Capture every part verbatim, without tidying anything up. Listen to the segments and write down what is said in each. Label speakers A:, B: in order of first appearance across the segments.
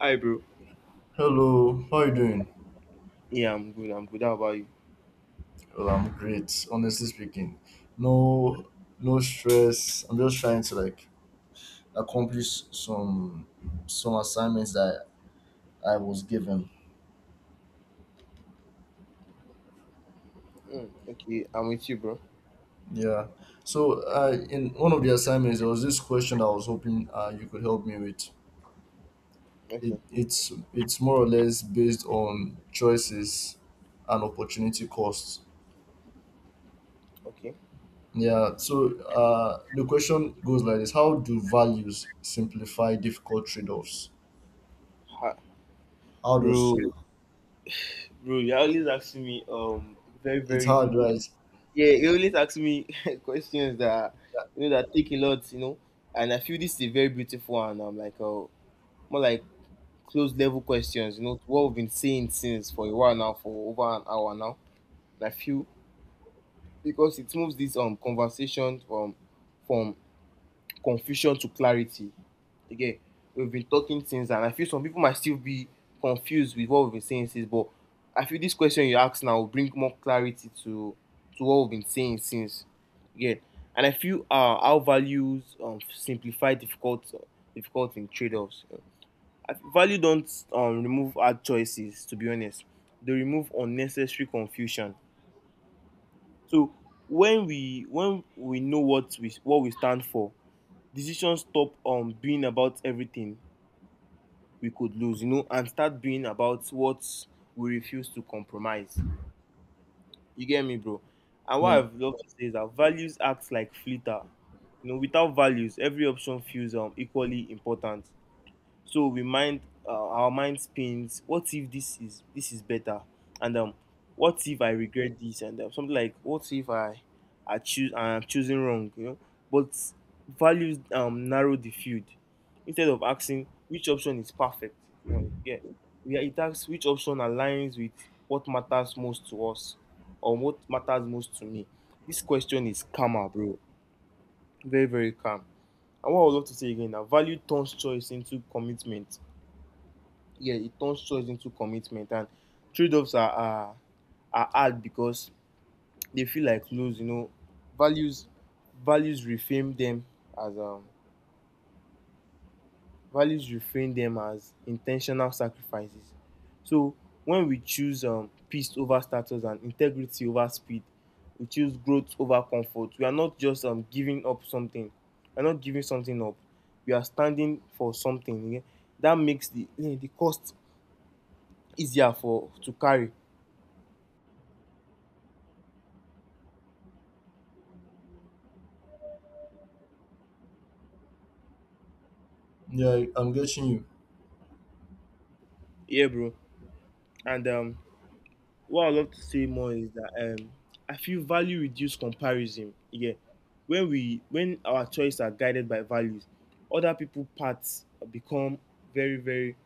A: Hi, bro.
B: Hello, how are you doing?
A: Yeah, I'm good. I'm good. How about you?
B: Well, I'm great, honestly speaking. No, no stress. I'm just trying to like accomplish some some assignments that I was given.
A: Mm, okay, I'm with you, bro.
B: Yeah. So, uh, in one of the assignments, there was this question that I was hoping uh, you could help me with. It,
A: Okay,
B: it's it's more or less based on choices and opportunity costs.
A: okay.
B: Yeah. So, uh, the question goes like this: How do values simplify difficult trade-offs?
A: Ha,
B: How does
A: bro, bro, you always ask me um very
B: It's
A: very
B: hard, right?
A: yeah. You always ask me questions that you know that take a lot, you know. And I feel this is a very beautiful one. I'm like uh, more like close level questions, you know, to what we've been saying since for a while now, for over an hour now. And I feel because it moves this um conversation from from confusion to clarity. Again, we've been talking things, and I feel some people might still be confused with what we've been saying since. But I feel this question you ask now will bring more clarity to to what we've been saying since. Again, and I feel uh, our values um, simplify difficult uh, difficult in trade-offs. I feel value don't um, remove hard choices. To be honest, they remove unnecessary confusion. So when we when we know what we what we stand for, decisions stop um being about everything we could lose, you know, and start being about what we refuse to compromise. You get me, bro? And what
B: Yeah,
A: I've loved to say is that values act like flitter. You know, without values, every option feels um, equally important, so we mind uh, our mind spins, what if this is this is better, and um what if I regret this, and um, something like, what if i i choose, I'm choosing wrong, you know but values um narrow the field. Instead of asking which option is perfect, you know, yeah, yeah, it asks which option aligns with what matters most to us, or what matters most to me. This question is calmer, bro. Very very calm. And what I would love to say again now: value turns choice into commitment. Yeah, it turns choice into commitment. And trade-offs are, are are hard because they feel like lose. You know, values values reframe them as um values reframe them as intentional sacrifices. So when we choose um peace over status and integrity over speed, we choose growth over comfort. We are not just um giving up something. We are not giving something up. We are standing for something. Yeah? That makes the eh, the cost easier for to carry.
B: yeah, I'm getting you.
A: Yeah, bro. And um, what I love to say more is that um, I feel value reduce comparison. Yeah, when we when our choices are guided by values, other people parts become very very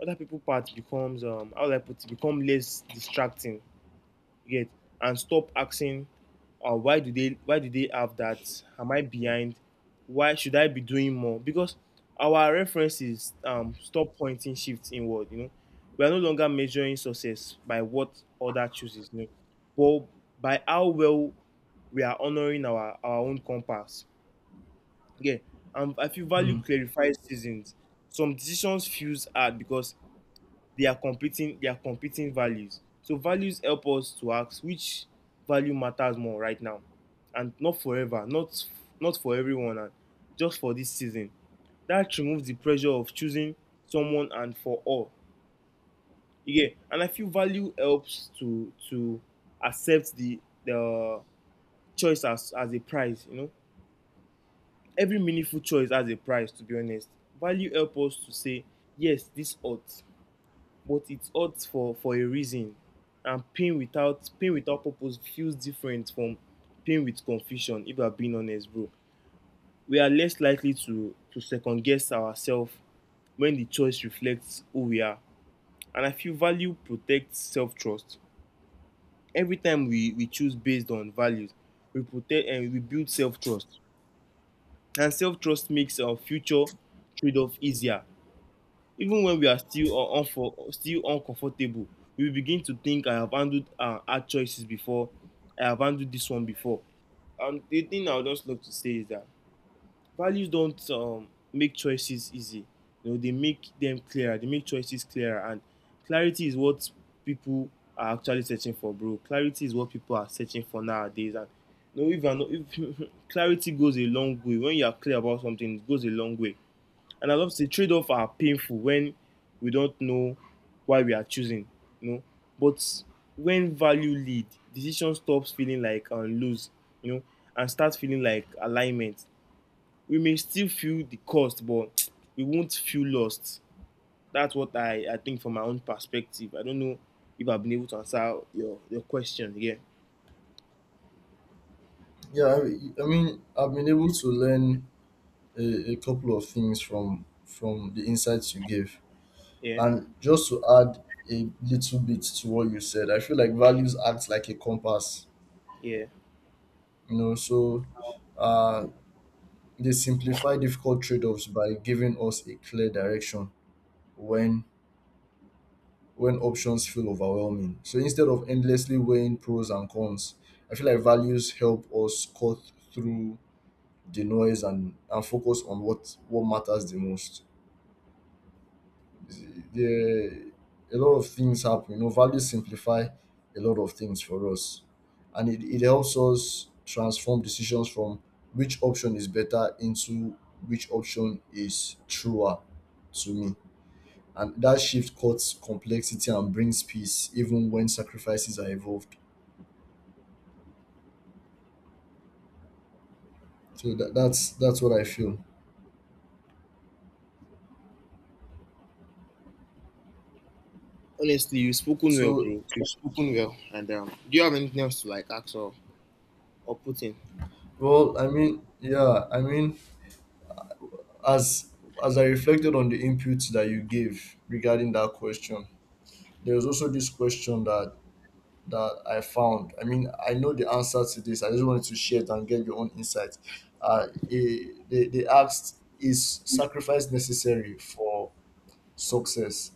A: other people parts becomes um how do I put it, become less distracting. You get, and stop asking, uh, why do they why do they have that, am I behind, why should I be doing more? Because our references um stop pointing shifts inward, you know, we are no longer measuring success by what other chooses, you know, but by how well we are honoring our our own compass. Yeah. And I feel value
B: Hmm.
A: clarifies seasons. Some decisions feels hard because they are competing they are competing values, so values help us to ask which value matters more right now, and not forever, not not for everyone, and just for this season. That removes the pressure of choosing someone and for all. Yeah. And I feel value helps to to accept the the choice as as a prize, you know. Every meaningful choice has a price, to be honest. Value helps us to say yes, this ought, but it's hurts for for a reason. And pain without pain without purpose feels different from pain with confusion, if I'm being honest, bro. We are less likely to to second guess ourselves when the choice reflects who we are. And I feel value protects self-trust. Every time we we choose based on values, we protect and we build self-trust, and self-trust makes our future trade-off easier. Even when we are still un- unfor- still uncomfortable, we begin to think, I have handled uh, hard choices before. I have handled this one before. And the thing I would just love to say is that values don't um, make choices easy. You know, they make them clearer. They make choices clearer, and clarity is what people are actually searching for, bro. Clarity is what people are searching for nowadays, and you know, if, you're not, if clarity goes a long way. When you are clear about something, it goes a long way. And I love to say trade-off are painful when we don't know why we are choosing, you know. But when value lead, decision stops feeling like um, lose, you know, and starts feeling like alignment. We may still feel the cost, but we won't feel lost. That's what I, I think from my own perspective. I don't know if I've been able to answer your, your question. Yeah.
B: Yeah, I, I mean, I've been able to learn a, a couple of things from from the insights you gave,
A: Yeah.
B: and just to add a little bit to what you said, I feel like values act like a compass.
A: Yeah.
B: You know, so uh, they simplify difficult trade-offs by giving us a clear direction when when options feel overwhelming. So instead of endlessly weighing pros and cons, I feel like values help us cut through the noise and, and focus on what, what matters the most. There, a lot of things happen. You know, values simplify a lot of things for us. And it, it helps us transform decisions from which option is better into which option is truer to me. And that shift cuts complexity and brings peace, even when sacrifices are involved. So that, that's that's what I feel.
A: Honestly, you've spoken well,
B: So,
A: bro. You've spoken well. And um, do you have anything else to like ask, or, or put in?
B: well, I mean, yeah, I mean, as as I reflected on the inputs that you gave regarding that question, there was also this question that that I found. I mean, I know the answer to this. I just wanted to share it and get your own insight. Uh, eh, they they asked, is sacrifice necessary for success,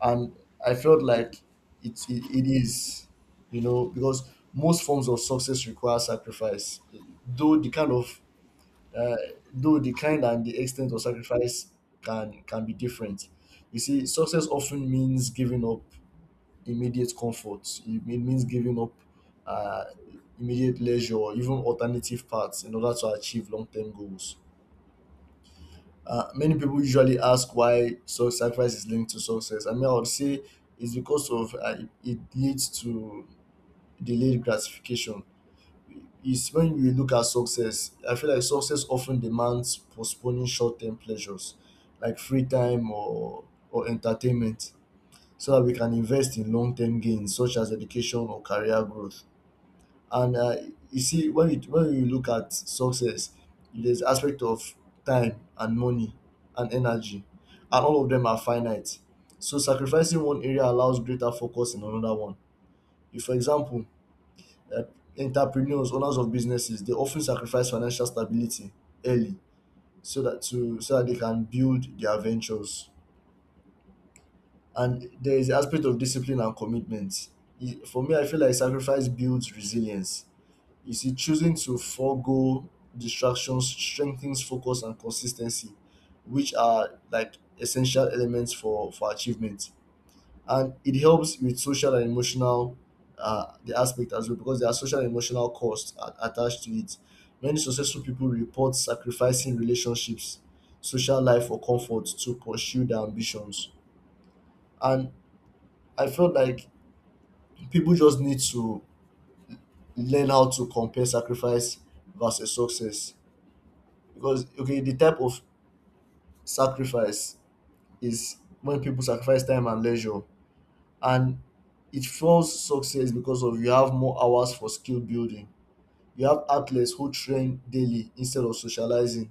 B: and I felt like it, it it is, you know because most forms of success require sacrifice, though the kind of uh, though the kind and the extent of sacrifice can can be different. You see, success often means giving up immediate comfort. It mean- means giving up uh, immediate leisure or even alternative paths in order to achieve long-term goals. Uh, many people usually ask why so sacrifice is linked to success. I mean, I would say it's because of uh, it, it leads to delayed gratification. It's when you look at success, I feel like success often demands postponing short-term pleasures, like free time or or entertainment, so that we can invest in long-term gains such as education or career growth. And uh, you see, when you when you look at success, there's aspect of time and money and energy, and all of them are finite. So sacrificing one area allows greater focus in another one. If, for example, uh, entrepreneurs, owners of businesses, they often sacrifice financial stability early, so that to so that they can build their ventures. And there is the aspect of discipline and commitment. E- For me, I feel like sacrifice builds resilience. You see, choosing to forego distractions strengthens focus and consistency, which are like essential elements for for achievement. And it helps with social and emotional, uh, the aspect as well, because there are social and emotional costs a- attached to it. Many successful people report sacrificing relationships, social life, or comfort to pursue their ambitions. And I felt like people just need to learn how to compare sacrifice versus success, because okay, the type of sacrifice is when people sacrifice time and leisure, and it fuels success because of you have more hours for skill building. You have athletes who train daily instead of socializing.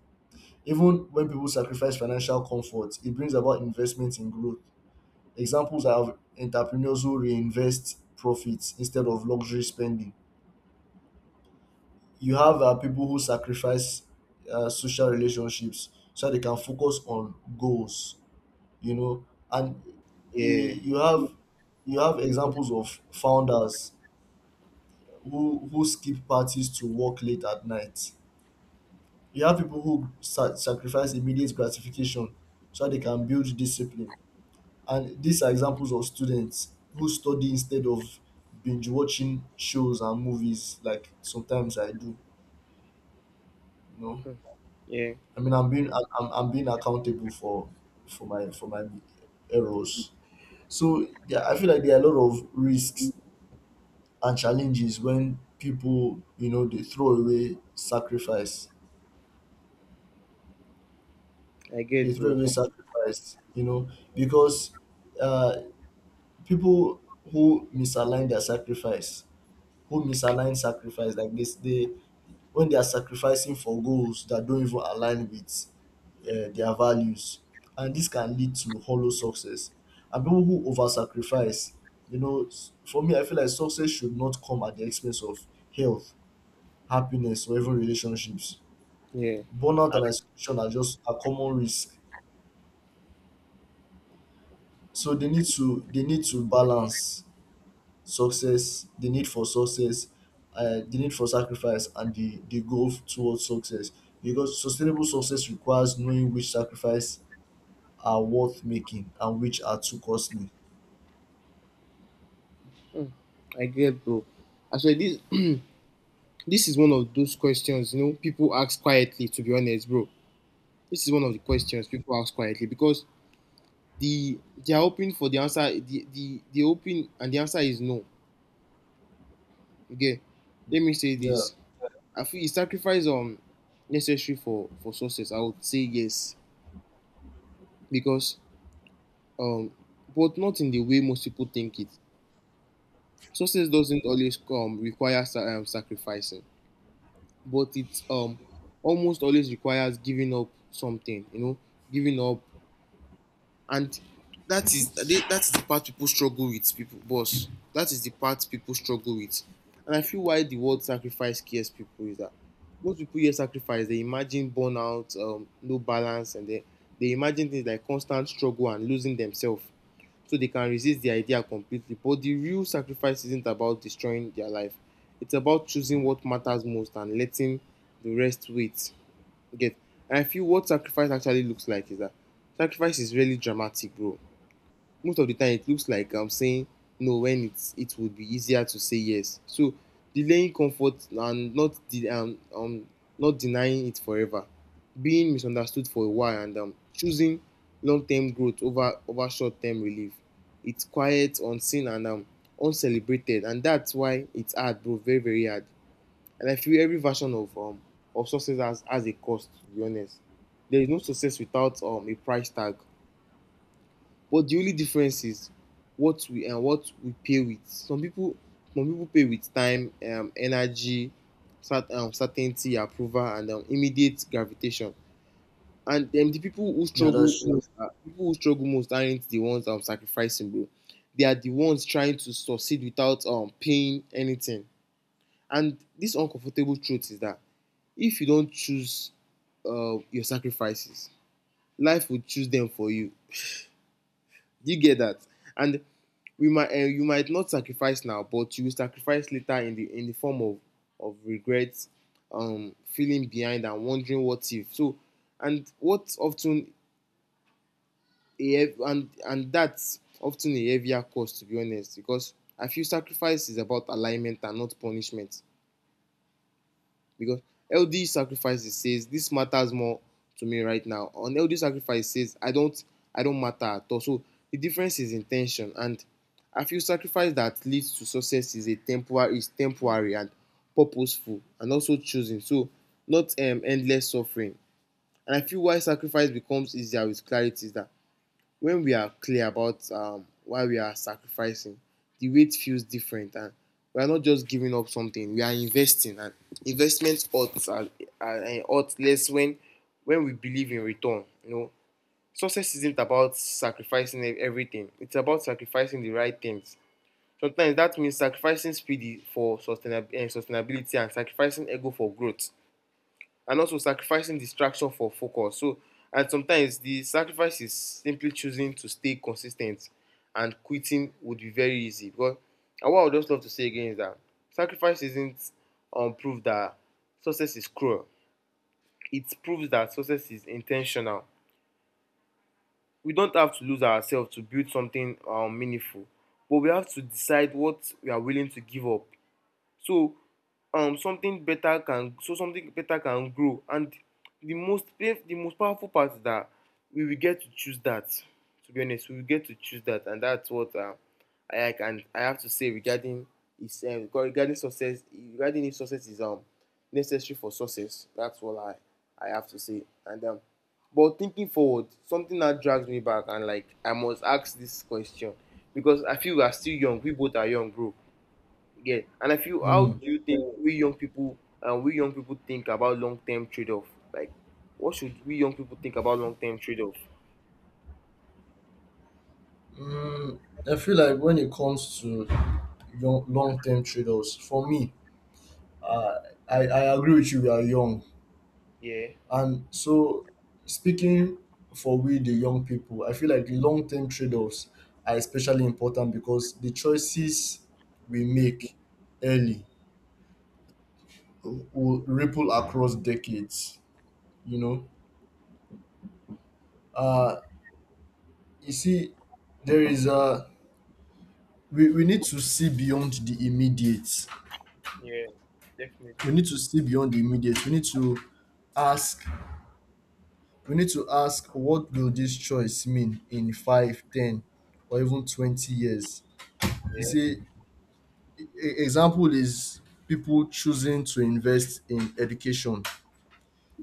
B: Even when people sacrifice financial comfort, it brings about investment in growth. Examples are of entrepreneurs who reinvest profits instead of luxury spending. You have uh, people who sacrifice uh, social relationships so that they can focus on goals, you know, and
A: Yeah.
B: eh, you have you have examples of founders who who skip parties to work late at night. You have people who sa- sacrifice immediate gratification so that they can build discipline, and these are examples of students who study instead of binge watching shows and movies, like sometimes I do. you know
A: Mm. Yeah,
B: i mean i'm being i I'm I'm being accountable for for my for my errors. So yeah, I feel like there are a lot of risks and challenges when people, you know they throw away sacrifice.
A: I
B: They
A: get,
B: throw
A: bro.
B: away sacrifice, you know, because uh people who misalign their sacrifice, who misalign sacrifice like this, they when they are sacrificing for goals that don't even align with uh, their values, and this can lead to hollow success. And people who over sacrifice, you know s- for me, I feel like success should not come at the expense of health, happiness, or even relationships.
A: Yeah,
B: Burnout
A: I,
B: and isolation are just a common risk. So they need to they need to balance success, the need for success, uh, the need for sacrifice, and the the goal towards success. Because sustainable success requires knowing which sacrifice are worth making and which are too costly.
A: mm. I get, bro. Actually, this this is one of those questions, you know, people ask quietly. To be honest, bro, this is one of the questions people ask quietly because the they are hoping for the answer. The the the hoping and the answer is no. Okay, let me say
B: Yeah,
A: this. I feel is sacrifice um necessary for for success. I would say yes because um, but not in the way most people think it. Success doesn't always um require sa- um, sacrificing, but it's um almost always requires giving up something, you know, giving up. And that is that is the part people struggle with, people boss, that is the part people struggle with. And I feel why the word sacrifice scares people is that most people hear sacrifice, they imagine burnout, um, no balance, and they, they imagine things like constant struggle and losing themselves, so they can resist the idea completely. But the real sacrifice isn't about destroying their life. It's about choosing what matters most and letting the rest wait. Okay. And I feel what sacrifice actually looks like is that sacrifice is really dramatic, bro. Most of the time, it looks like I'm saying no when it's it would be easier to say yes. So delaying comfort and not de- um, um not denying it forever, being misunderstood for a while, and um, choosing long-term growth over over short-term relief. It's quiet, unseen, and um, uncelebrated, and that's why it's hard, bro. Very very hard. And I feel every version of um of success has, has a cost, to be honest. There is no success without um a price tag. But the only difference is what we and what we pay with. Some people some people pay with time, um, energy, cert- um, certainty, approval, and um, immediate gravitation. And um, the people who
B: yeah,
A: struggle
B: that's true.
A: most, uh, people who struggle most aren't the ones um, sacrificing, bro. They are the ones trying to succeed without um paying anything. And this uncomfortable truth is that if you don't choose uh, your sacrifices, life will choose them for you. Do you get that? And we might uh, you might not sacrifice now, but you will sacrifice later, in the in the form of of regrets, um, feeling behind, and wondering what if. So, and what often a and and that's often a heavier cost, to be honest, because I feel sacrifice is about alignment and not punishment. Because healthy sacrifices says this matters more to me right now. On unhealthy sacrifice, it says I don't, I don't matter at all. So the difference is intention. And I feel sacrifice that leads to success is a temporary is temporary and purposeful and also choosing. So not um, endless suffering. And I feel why sacrifice becomes easier with clarity is that when we are clear about um, why we are sacrificing, the weight feels different, and we are not just giving up something. We are investing, and investment odds are, are, are odds less when when we believe in return. You know, success isn't about sacrificing e-, everything. It's about sacrificing the right things. Sometimes that means sacrificing speed for sustainab- eh, sustainability, and sacrificing ego for growth, and also sacrificing distraction for focus. So, and sometimes the sacrifice is simply choosing to stay consistent, and quitting would be very easy. Because, and what I would just love to say again is that sacrifice isn't um, proof that success is cruel. It proves that success is intentional. We don't have to lose ourselves to build something um, meaningful, but we have to decide what we are willing to give up so um something better can so something better can grow. And the most the most powerful part is that we will get to choose that. To be honest, we will get to choose that, and that's what uh, I can I have to say regarding is um, regarding success, regarding if success is um necessary for success. That's all i i have to say. And um but thinking forward, something that drags me back, and like I must ask this question because I feel we are still young. We both are young, bro. Yeah, and I feel, how
B: Mm,
A: do you think we young people and we young people think about long term trade off? Like, what should we young people think about long term trade off?
B: mm, I feel like when it comes to long term trade offs, for me, uh, I I agree with you. We are young.
A: Yeah,
B: And so, speaking for we the young people, I feel like the long term trade offs are especially important because the choices we make early will ripple across decades. You know, uh, you see, there is a we, we need to see beyond the immediate.
A: yeah,
B: We
A: definitely.
B: need to see beyond the immediate. We need to ask. We need to ask what will this choice mean in five, ten, or even twenty years. You
A: Yeah.
B: see, e- e, example is people choosing to invest in education.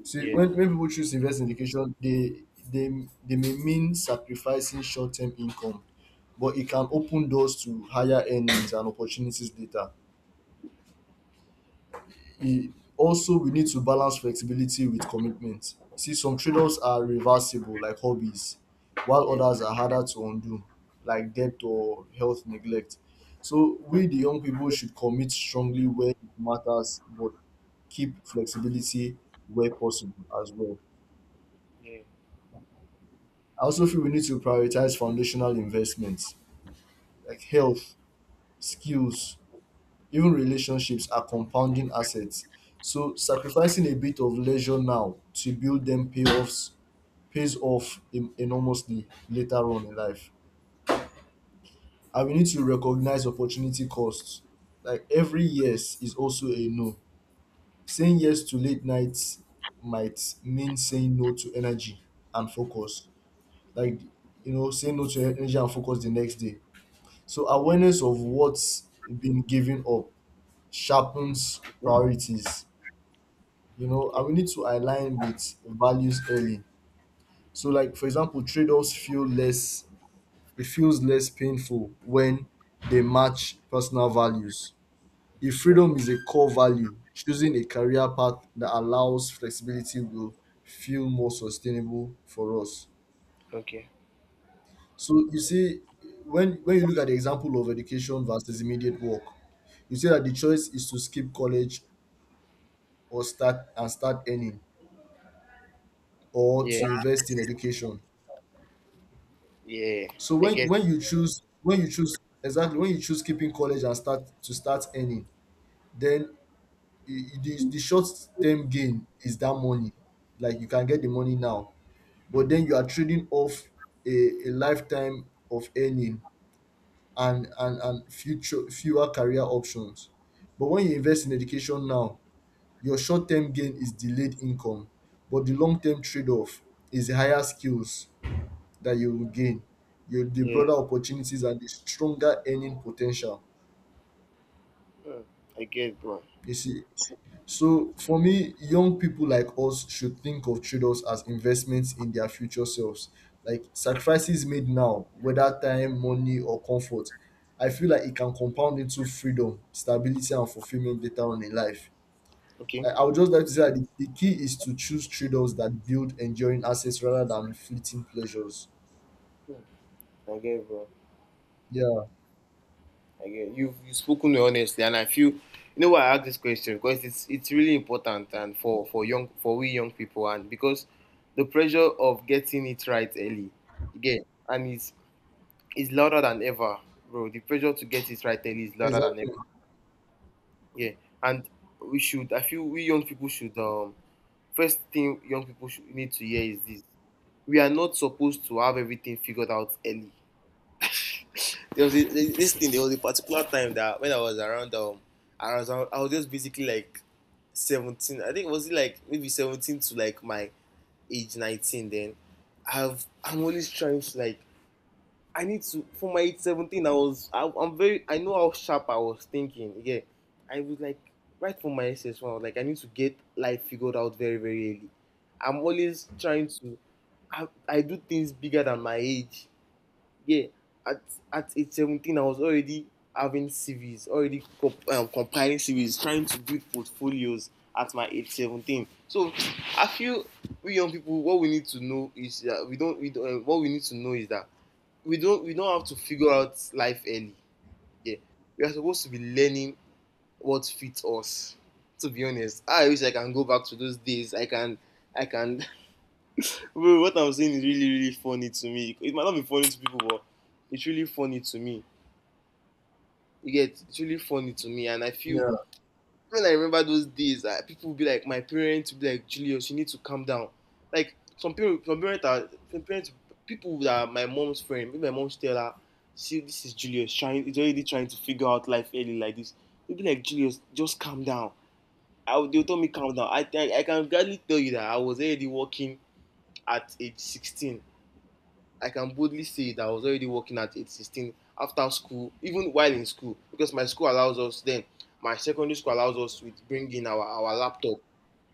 B: See,
A: Yeah,
B: when, when people choose to invest in education, they they they may mean sacrificing short term income, but it can open doors to higher earnings and opportunities later. E Also, we need to balance flexibility with commitment. See, some trade-offs are reversible like hobbies, while
A: yeah,
B: others are harder to undo, like debt or health neglect. So we the young people should commit strongly where it matters, but keep flexibility where possible as well.
A: yeah,
B: I also feel we need to prioritize foundational investments, like health, skills; even relationships are compounding assets. So sacrificing a bit of leisure now to build them, payoffs pays off en- enormously later on in life. And we need to recognize opportunity costs. Like, every yes is also a no. Saying yes to late nights might mean saying no to energy and focus. Like, you know saying no to energy and focus the next day. So
A: yeah.
B: awareness of what's been given up sharpens priorities you know, and
A: Okay.
B: we need to align with values early. So, like for example, trade-offs feel less. It feels less painful when they match personal values. If
A: Okay,
B: freedom is a core value, choosing a career path that allows flexibility will feel more sustainable for us.
A: okay.
B: So you see, when when you look at the example of education versus immediate work, you see that the choice is to skip college or start and start earning, or
A: Yeah.
B: to invest in education.
A: Yeah,
B: So
A: I
B: when
A: guess.
B: when you choose when you choose exactly, when you choose keeping college and start to start earning, then i- i- the, the short term gain is that money. Like, you can get the money now, but then you are trading off a, a lifetime of earning and, and and future fewer career options. But when you invest in education now, your short term gain is delayed income, but the long term trade off is higher skills that you will gain. You, the
A: Yeah.
B: broader opportunities and the stronger earning potential.
A: Hmm, I guess, bro.
B: You see. So for me, young people like us should think of trade-offs as investments in their future selves. Like sacrifices made now, whether time, money, or comfort. I feel like it can compound into freedom, stability, and fulfillment later on in life.
A: Okay.
B: I, I would just like to say that the, the, key is to choose trade-offs that build enduring assets rather than fleeting pleasures.
A: I guess, bro.
B: Yeah,
A: I You've you've spoken honestly, and I feel you know why I ask this question, because it's it's really important. And for for young for we young people, and because the pressure of getting it right early, again, and it's it's louder than ever, bro. The pressure to get it right early is louder than
B: exactly.
A: ever. Yeah, and we should. I feel we young people should. Um, first thing young people should need to hear is this: we are not supposed to have everything figured out early. there was a, this thing. There was a particular time that when I was around um I was I was just basically like seventeen. I think was it like maybe seventeen to like my age nineteen. Then I've I'm always trying to like I need to, for my age seventeen. I was I, I'm very, I know how sharp I was thinking. Yeah, I was like right from my S S one. I was like, I need to get life figured out very, very early. I'm always trying to, I, I do things bigger than my age. Yeah, at at age seventeen I was already having CVs, already comp- um, compiling CVs, trying to build portfolios at my age seventeen. So I feel we young people, what we need to know is that we don't we don't uh, what we need to know is that we don't we don't have to figure out life early. Yeah, we are supposed to be learning what fits us. To be honest, I wish I can go back to those days. I can i can Bro, what I'm saying is really, really funny to me. It might not be funny to people, but it's really funny to me. You get, it's really funny to me, and I feel
B: Yeah,
A: when I remember those days, uh, people would be like, my parents would be like, Julius, you need to calm down. Like some people, some parents are, some parents, people that are my mom's friend, maybe my mom's tell her, see, this is Julius trying, he's already trying to figure out life early like this. They'd be like, Julius, just calm down. I would, they would tell me calm down. I, I I can gladly tell you that I was already working at age sixteen. I can boldly say that I was already working at age sixteen after school, even while in school, because my school allows us then, my secondary school allows us to bring in our, our laptop.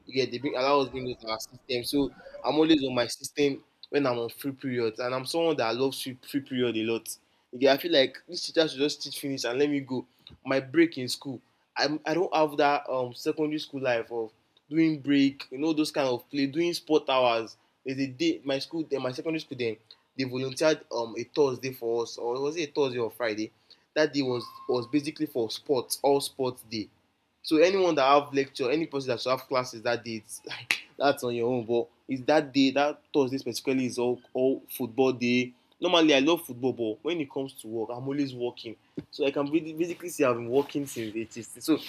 A: Yeah, they bring allow us bring those in our system. So I'm always on my system when I'm on free periods, and I'm someone that loves free, free period a lot. Yeah, I feel like this teacher should just teach finish and let me go. My break in school, I I don't have that um secondary school life of doing break, you know, those kind of play, doing sport hours. There's a day my school, then my secondary school, then they volunteered um a Thursday for us, or was it a Thursday or Friday? That day was was basically for sports, all sports day. So anyone that have lecture, any person that should have classes that day, it's like that's on your own. But it's that day, that Thursday specifically is all all football day. Normally I love football, but when it comes to work, I'm always working. So I can really- basically say I've been working since eighties. So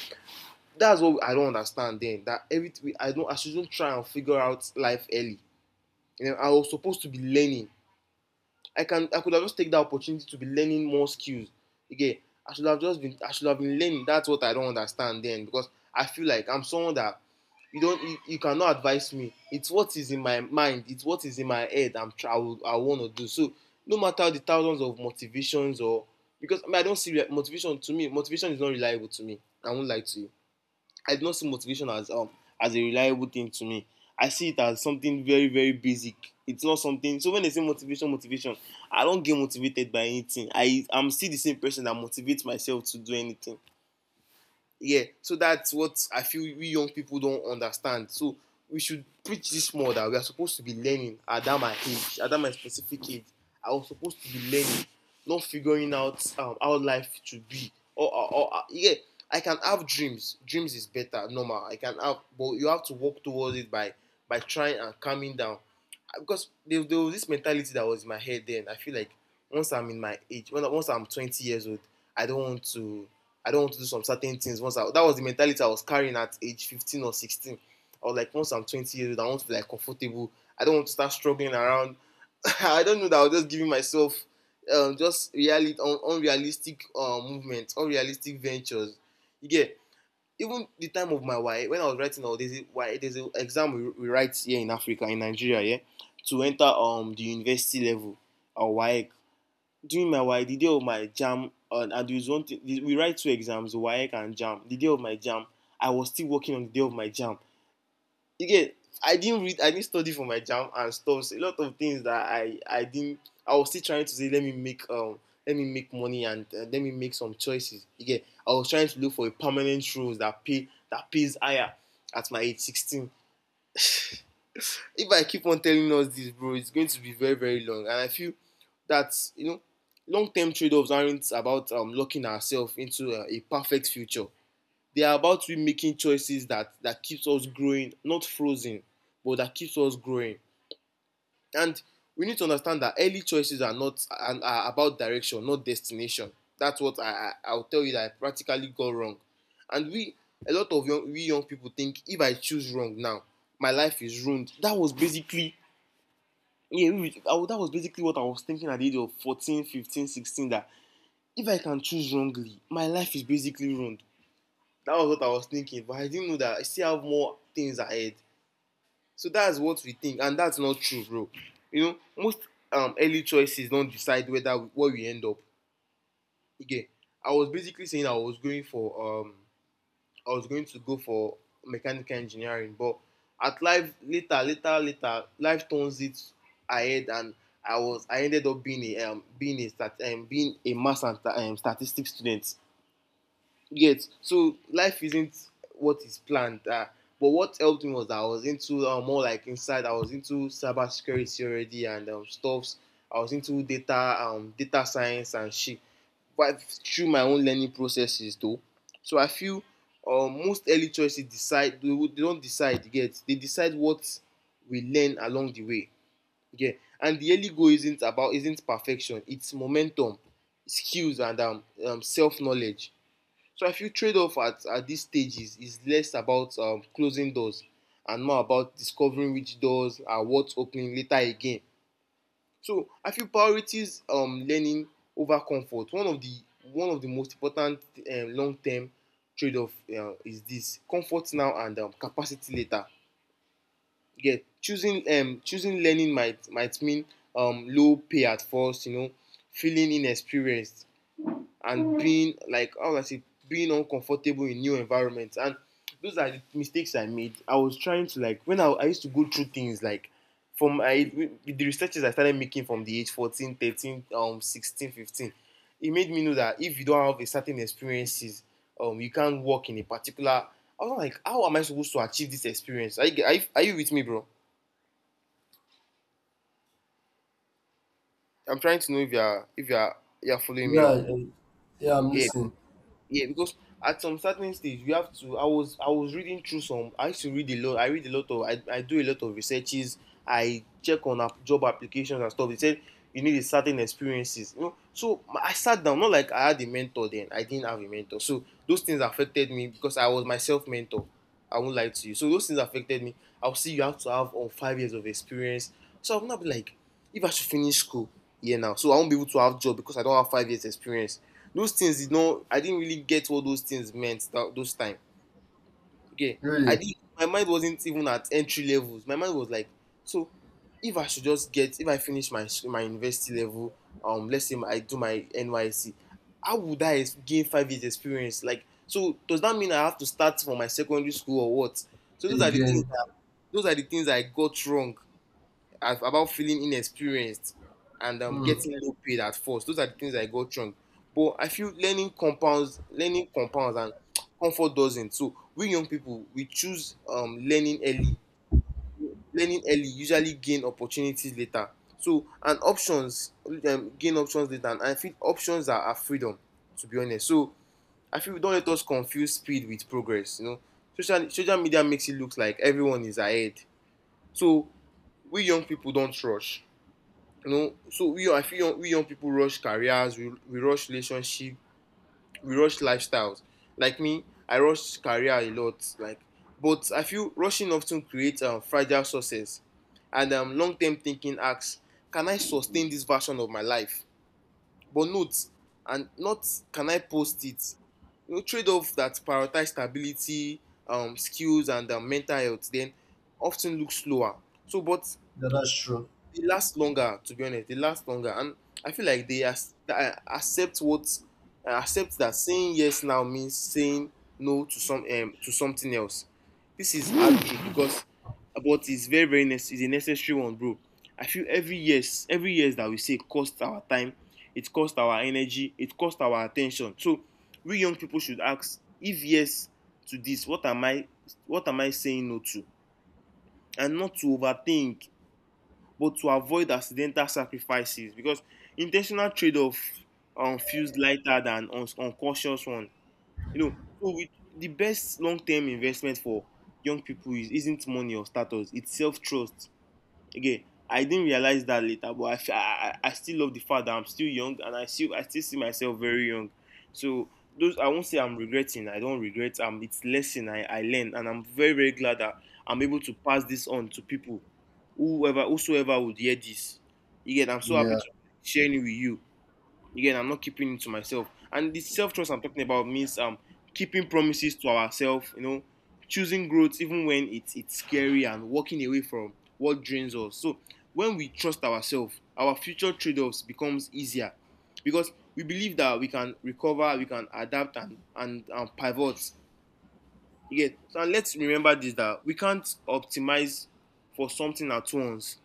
A: that's what I don't understand then. That every I don't I shouldn't try and figure out life early. You know, I was supposed to be learning. I can I could have just take that opportunity to be learning more skills. Again, I should have just been I should have been learning. That's what I don't understand then, because I feel like I'm someone that you don't you, you cannot advise me. It's what is in my mind. It's what is in my head. I'm I, would, I want to do so. No matter the thousands of motivations, or because I, mean, I don't see motivation. To me, motivation is not reliable to me. I won't lie to you. I do not see motivation as um as a reliable thing to me. I see it as something very, very basic. It's not something. So when they say motivation, motivation, I don't get motivated by anything. I I'm still the same person that motivates myself to do anything. Yeah, so that's what I feel we young people don't understand. So we should preach this more, that we are supposed to be learning. At that my age, at that my specific age, I was supposed to be learning, not figuring out um, how life should be, or, or, or uh, yeah, I can have dreams. Dreams is better, normal, I can have, but you have to walk towards it by by trying and calming down. Uh, because there, there was this mentality that was in my head then. I feel like once I'm in my age when once I'm twenty years old, i don't want to I don't want to do some certain things. Once I, that was the mentality I was carrying at age fifteen or sixteen. I was like, once I'm twenty years old, I want to be like comfortable. I don't want to start struggling around. I don't know that I was just giving myself um, just reality un- unrealistic uh, movements, unrealistic ventures. You get, even the time of my wife when I was writing all this. Why there's an exam we, we write here in Africa, in Nigeria, yeah, to enter um the university level, or wake. During my WAEC, the day of my jam uh, and there is one thing, we write two exams, WAEC and jam the day of my jam I was still working on the day of my jam you get, i didn't read I didn't study for my jam and stuff. So a lot of things that i i didn't I was still trying to say, let me make um let me make money, and uh, let me make some choices. You get, I was trying to look for a permanent role that pay that pays higher at my age sixteen. If I keep on telling us this, bro, it's going to be very, very long. And I feel that, you know, long-term trade-offs aren't about um, locking ourselves into a, a perfect future. They are about we making choices that that keeps us growing, not frozen, but that keeps us growing. And we need to understand that early choices are not are, are about direction, not destination. That's what I, I I'll tell you that I practically got wrong. And we, a lot of young we young people think, if I choose wrong now, my life is ruined. That was basically, yeah, if it- I would- that was basically what I was thinking at the age of fourteen fifteen sixteen, that if I can choose wrongly, my life is basically ruined. That was what I was thinking, but I didn't know that I still have more things ahead. So that's what we think, and that's not true, bro. You know, most um, early choices don decide whether where we end up. Again, I was basically saying I was going for um, I was going to go for mechanical engineering, but at life later, later, later, life turns it ahead, and I was I ended up being a um, being a stat, um, being a math and um, statistics student. Yes. So life isn't what is planned. Uh, but what helped me was that I was into uh, more like inside. I was into cybersecurity already and um, stuffs. I was into data, um, data science and shit. But through my own learning processes, though, so I feel um, most early choices decide. They, would- they don't decide yet. They decide what we learn along the way. Yeah. And the early goal isn't about isn't perfection. It's momentum, skills, and um, um self knowledge. So I feel trade-off at, at this stage is, is less about um, closing doors and more about discovering which doors are worth opening later. Again, so I feel priorities um, learning over comfort. One of the one of the most important um, long-term trade-off uh, is this comfort now and um, capacity later. Yeah, choosing um, choosing learning might might mean um, low pay at first, you know, feeling inexperienced and being like how I say being uncomfortable in new environments. And those are the mistakes I made. I was trying to like when I, I used to go through things like from I the researches I started making from the age fourteen, thirteen, um sixteen, fifteen, it made me know that if you don't have a certain experiences, um you can't work in a particular. I was like, how am I supposed to achieve this experience? Are you, are you, are you with me, bro? I'm trying to know if you're if you're you're following me up.
B: yeah. Yeah, I'm
A: Yeah.
B: listening.
A: Yeah, because at some certain stage you have to. I was I was reading through some. I used to read a lot. I read a lot of. I, I do a lot of researches. I check on app, job applications and stuff. They said you need a certain experiences. You know, so my- I sat down, not like I had a mentor then. I didn't have a mentor. So those things affected me because I was myself mentor. I won't lie to you. So those things affected me. I'll see you have to have on five years of experience. So I'm not be like. If I should finish school here now, so I won't be able to have job because I don't have five years experience. Those things did not, I didn't really get what those things meant that those time. Okay, I
B: Really?
A: did. My mind wasn't even at entry levels. My mind was like, so if I should just get, if I finish my s- my university level, um, let's say I do my N Y C, how would I ex- gain five years experience? Like, so does that mean I have to start from my secondary school or what? So those are the things
B: Again.
A: that those are the things I got wrong af- about feeling inexperienced and um,
B: Hmm.
A: getting low paid at first. Those are the things I got wrong. But I feel learning compounds, learning compounds, and comfort doesn't. So we young people we choose um, learning early. Learning early usually gain opportunities later. So and options um, gain options later, and I feel options are, are freedom. To be honest, so I feel don't let us confuse speed with progress. You know, social social media makes it look like everyone is ahead. So we young people don't rush, you know so we i feel young, we young people rush careers, we, we rush relationship, we rush lifestyles like me. I rush career a lot like. But I feel rushing often creates um, fragile success and um, long-term thinking asks can I sustain this version of my life, but not, and not can I post it, you know. Trade-off that prioritize stability, um, skills and um, mental health then often looks slower, so but
B: Yeah, that's true.
A: they last longer. To be honest, they last longer, and I feel like they as, uh, accept what uh, accept that saying yes now means saying no to some um, to something else. This is heartbreak because, but it's very very nece- it's a necessary one, bro. I feel every yes every yes that we say costs our time, it costs our energy, it costs our attention. So we young people should ask if yes to this, what am I what am I saying no to, and not to overthink but to avoid accidental sacrifices because intentional trade-off um, feels lighter than un- unconscious one. You know, so with the best long-term investment for young people is, isn't money or status; it's self-trust again. I didn't realize that later, but I I I still love the fact that I'm still young, and i still i still see myself very young. So those, I won't say I'm regretting. I don't regret, um it's lesson i i learned, and I'm very very glad that I'm able to pass this on to people, whoever whosoever would hear this. Again, I'm so happy
B: Yeah.
A: to share it with you. Again, I'm not keeping it to myself. And the self trust I'm talking about means um keeping promises to ourselves, you know, choosing growth even when it's it's scary, and walking away from what drains us. So when we trust ourselves, our future trade-offs becomes easier because we believe that we can recover, we can adapt and and, and pivot. Again, so let's remember this that we can't optimize for something at once.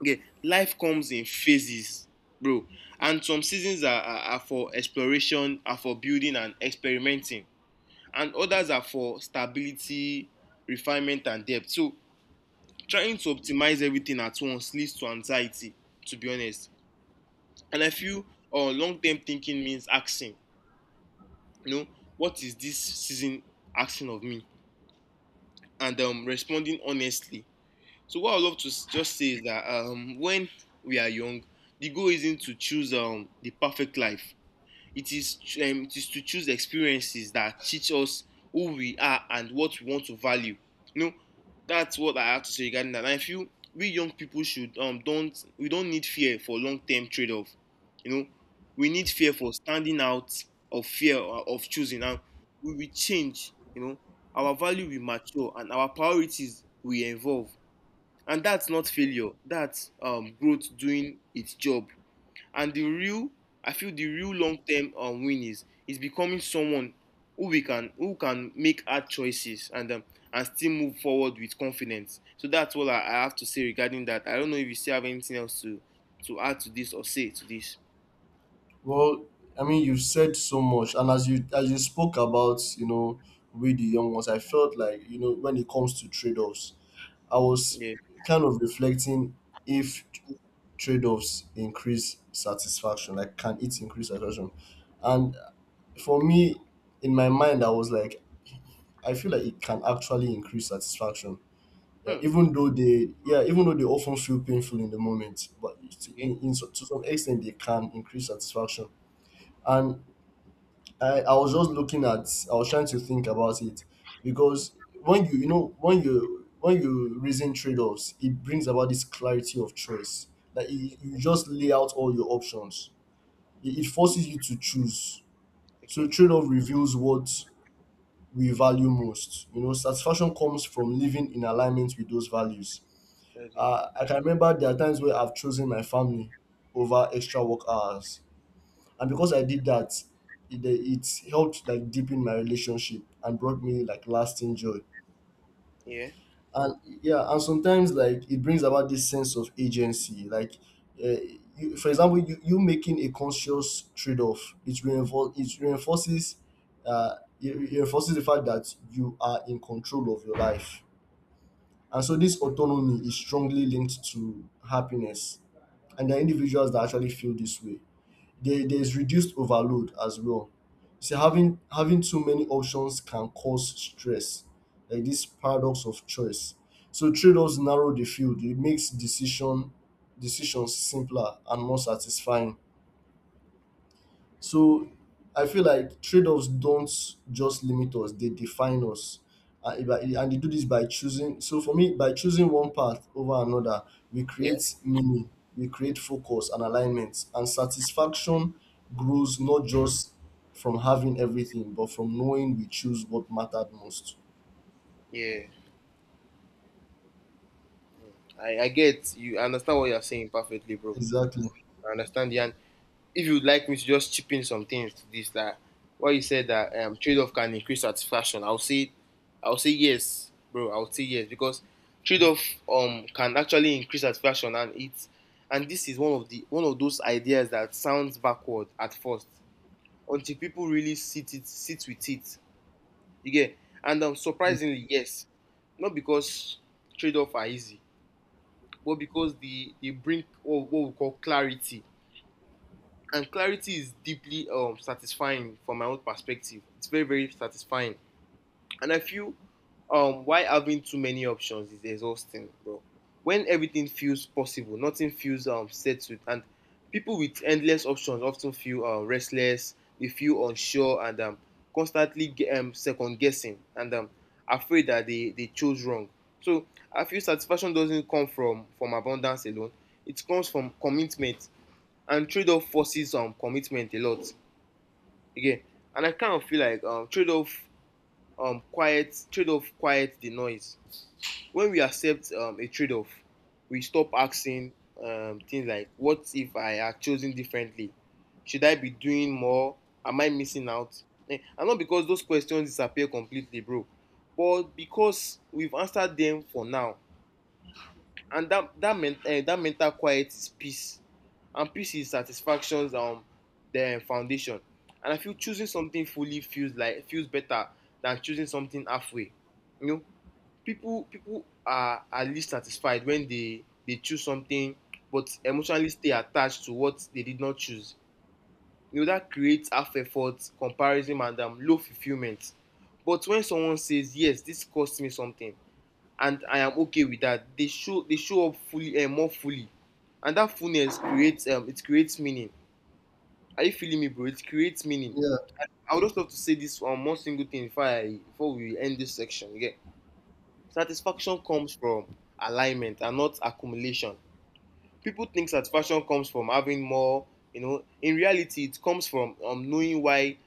A: Okay, life comes in phases, bro. And some seasons are, are, are for exploration, are for building and experimenting, and others are for stability, refinement, and depth. So, trying to optimize everything at once leads to anxiety, to be honest. And I feel uh, long term thinking means asking, you know, what is this season asking of me? And um, responding honestly. So what I would love to s- just say is that um, when we are young, the goal isn't to choose um, the perfect life. It is ch- um, it is to choose experiences that teach us who we are and what we want to value. You know, that's what I have to say regarding that. And I feel we young people should um don't we don't need fear for long term trade off. You know, we need fear for standing out of fear o- of choosing. And we will change. You know, our value will mature and our priorities will evolve, and that's not failure, that's um, growth doing its job. And the real i feel the real long-term um, win is is becoming someone who we can who can make hard choices and um, and still move forward with confidence. So that's all I, I have to say regarding that. I don't know if you still have anything else to to add to this or say to this.
B: Well, I mean, you've said so much, and as you as you spoke about, you know, with the young ones, I felt like, you know when it comes to trade offs, I was
A: Yeah.
B: kind of reflecting if trade offs increase satisfaction, like can it increase satisfaction? And for me, in my mind, I was like, I feel like it can actually increase satisfaction. Yeah, even though they yeah, even though they often feel painful in the moment, but it's-
A: Okay,
B: in, in so- to some extent they can increase satisfaction. And I, I was just looking at I was trying to think about it, because when you you know when you when you reason trade-offs, it brings about this clarity of choice. Like, you, you just lay out all your options. It, it forces you to choose. So
A: okay,
B: trade-off reveals what we value most. You know, satisfaction comes from living in alignment with those values.
A: okay.
B: Uh, I can remember there are times where I've chosen my family over extra work hours, and because I did that, it, it helped like deepen my relationship and brought me like lasting joy.
A: Yeah,
B: And yeah, and sometimes like it brings about this sense of agency. Like, uh, you, for example, you, you making a conscious trade-off, it reinfor- it reinforces, uh, it it reinforces the fact that you are in control of your life. And so this autonomy is strongly linked to happiness and the individuals that actually feel this way. There, there's reduced overload as well. See, having having too many options can cause stress, like this paradox of choice. So trade-offs narrow the field. It makes decision decisions simpler and more satisfying. So I feel like trade-offs don't just limit us, they define us. And, if I- and they do this by choosing. So for me, by choosing one path over another, we
A: yeah,
B: create meaning, we create focus and alignment. And satisfaction grows not just from having everything, but from knowing we choose what mattered most.
A: yeah. I i get you. I understand what you're saying perfectly, bro.
B: Exactly.
A: I understand the. If you'd like me to just chip in some things to this, that what you said that um, trade-off can increase satisfaction, I'll say, I'll say yes, bro. I'll say yes because trade-off um can actually increase satisfaction, and it's and this is one of the one of those ideas that sounds backward at first, until people really sit it sit with it. You get. And um, surprisingly, yes, not because trade-off are easy, but because they they bring what, what we call clarity, and clarity is deeply um, satisfying from my own perspective. It's very, very satisfying. And I feel um, why having too many options is exhausting, bro. When everything feels possible, nothing feels um, settled, and people with endless options often feel uh, restless, they feel unsure, and um, constantly ge- um, second guessing and um, afraid that they, they chose wrong. So I feel satisfaction doesn't come from, from abundance alone, it comes from commitment, and trade-off forces um commitment a lot. Again, and I kind of feel like um trade-off, um quiet trade-off quiet the noise. When we accept um a trade-off, we stop asking um things like what if I had chosen differently, should I be doing more, am I missing out? Eh, and not because those questions disappear completely, bro, but because we've answered them for now. And that that men- uh, that mental quiet is peace, and peace is satisfaction's um the foundation. And I feel choosing something fully feels like feels better than choosing something halfway, you know. People people are are least satisfied when they they choose something, but emotionally stay attached to what they did not choose. You know, that creates half effort comparison and um, low fulfillment. But when someone says yes, this cost me something, and I am okay with that. They show they show up fully and uh, more fully, and that fullness creates, um it creates meaning. Are you feeling me, bro? It creates meaning.
B: Yeah.
A: I would just love to say this on um, one single thing before I before we end this section. Yeah, satisfaction comes from alignment and not accumulation. People think satisfaction comes from having more. You know, in reality, it comes from um knowing why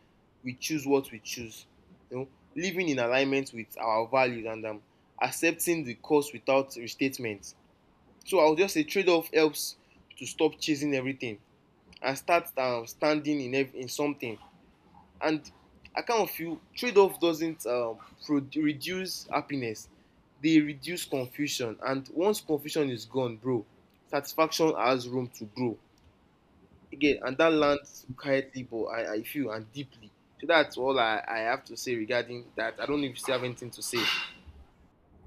A: we choose what we choose. You know, living in alignment with our values, and um accepting the cost without restatement. So I will just say trade off helps to stop chasing everything and start uh, standing in, ev- in something. And I kind of feel trade off doesn't, um, pro- reduce happiness, they reduce confusion. And once confusion is gone, bro, satisfaction has room to grow. Again, and that lands quietly, but I, I feel and deeply. So that's all I, I have to say regarding that. I don't know if you still have anything to say.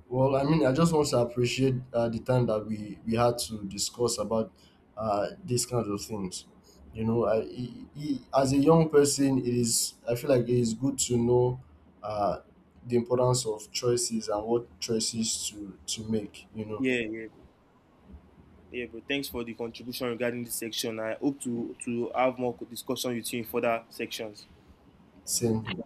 B: Well, I mean, I just want to appreciate uh, the time that we we had to discuss about uh, these kinds of things. You know, I, I, I- as a young person, it is I feel like it is good to know uh, the importance of choices and what choices to to make. You know,
A: Yeah, yeah. Yeah, bro. Thanks for the contribution regarding this section. I hope to to have more discussion with you in further sections.
B: same.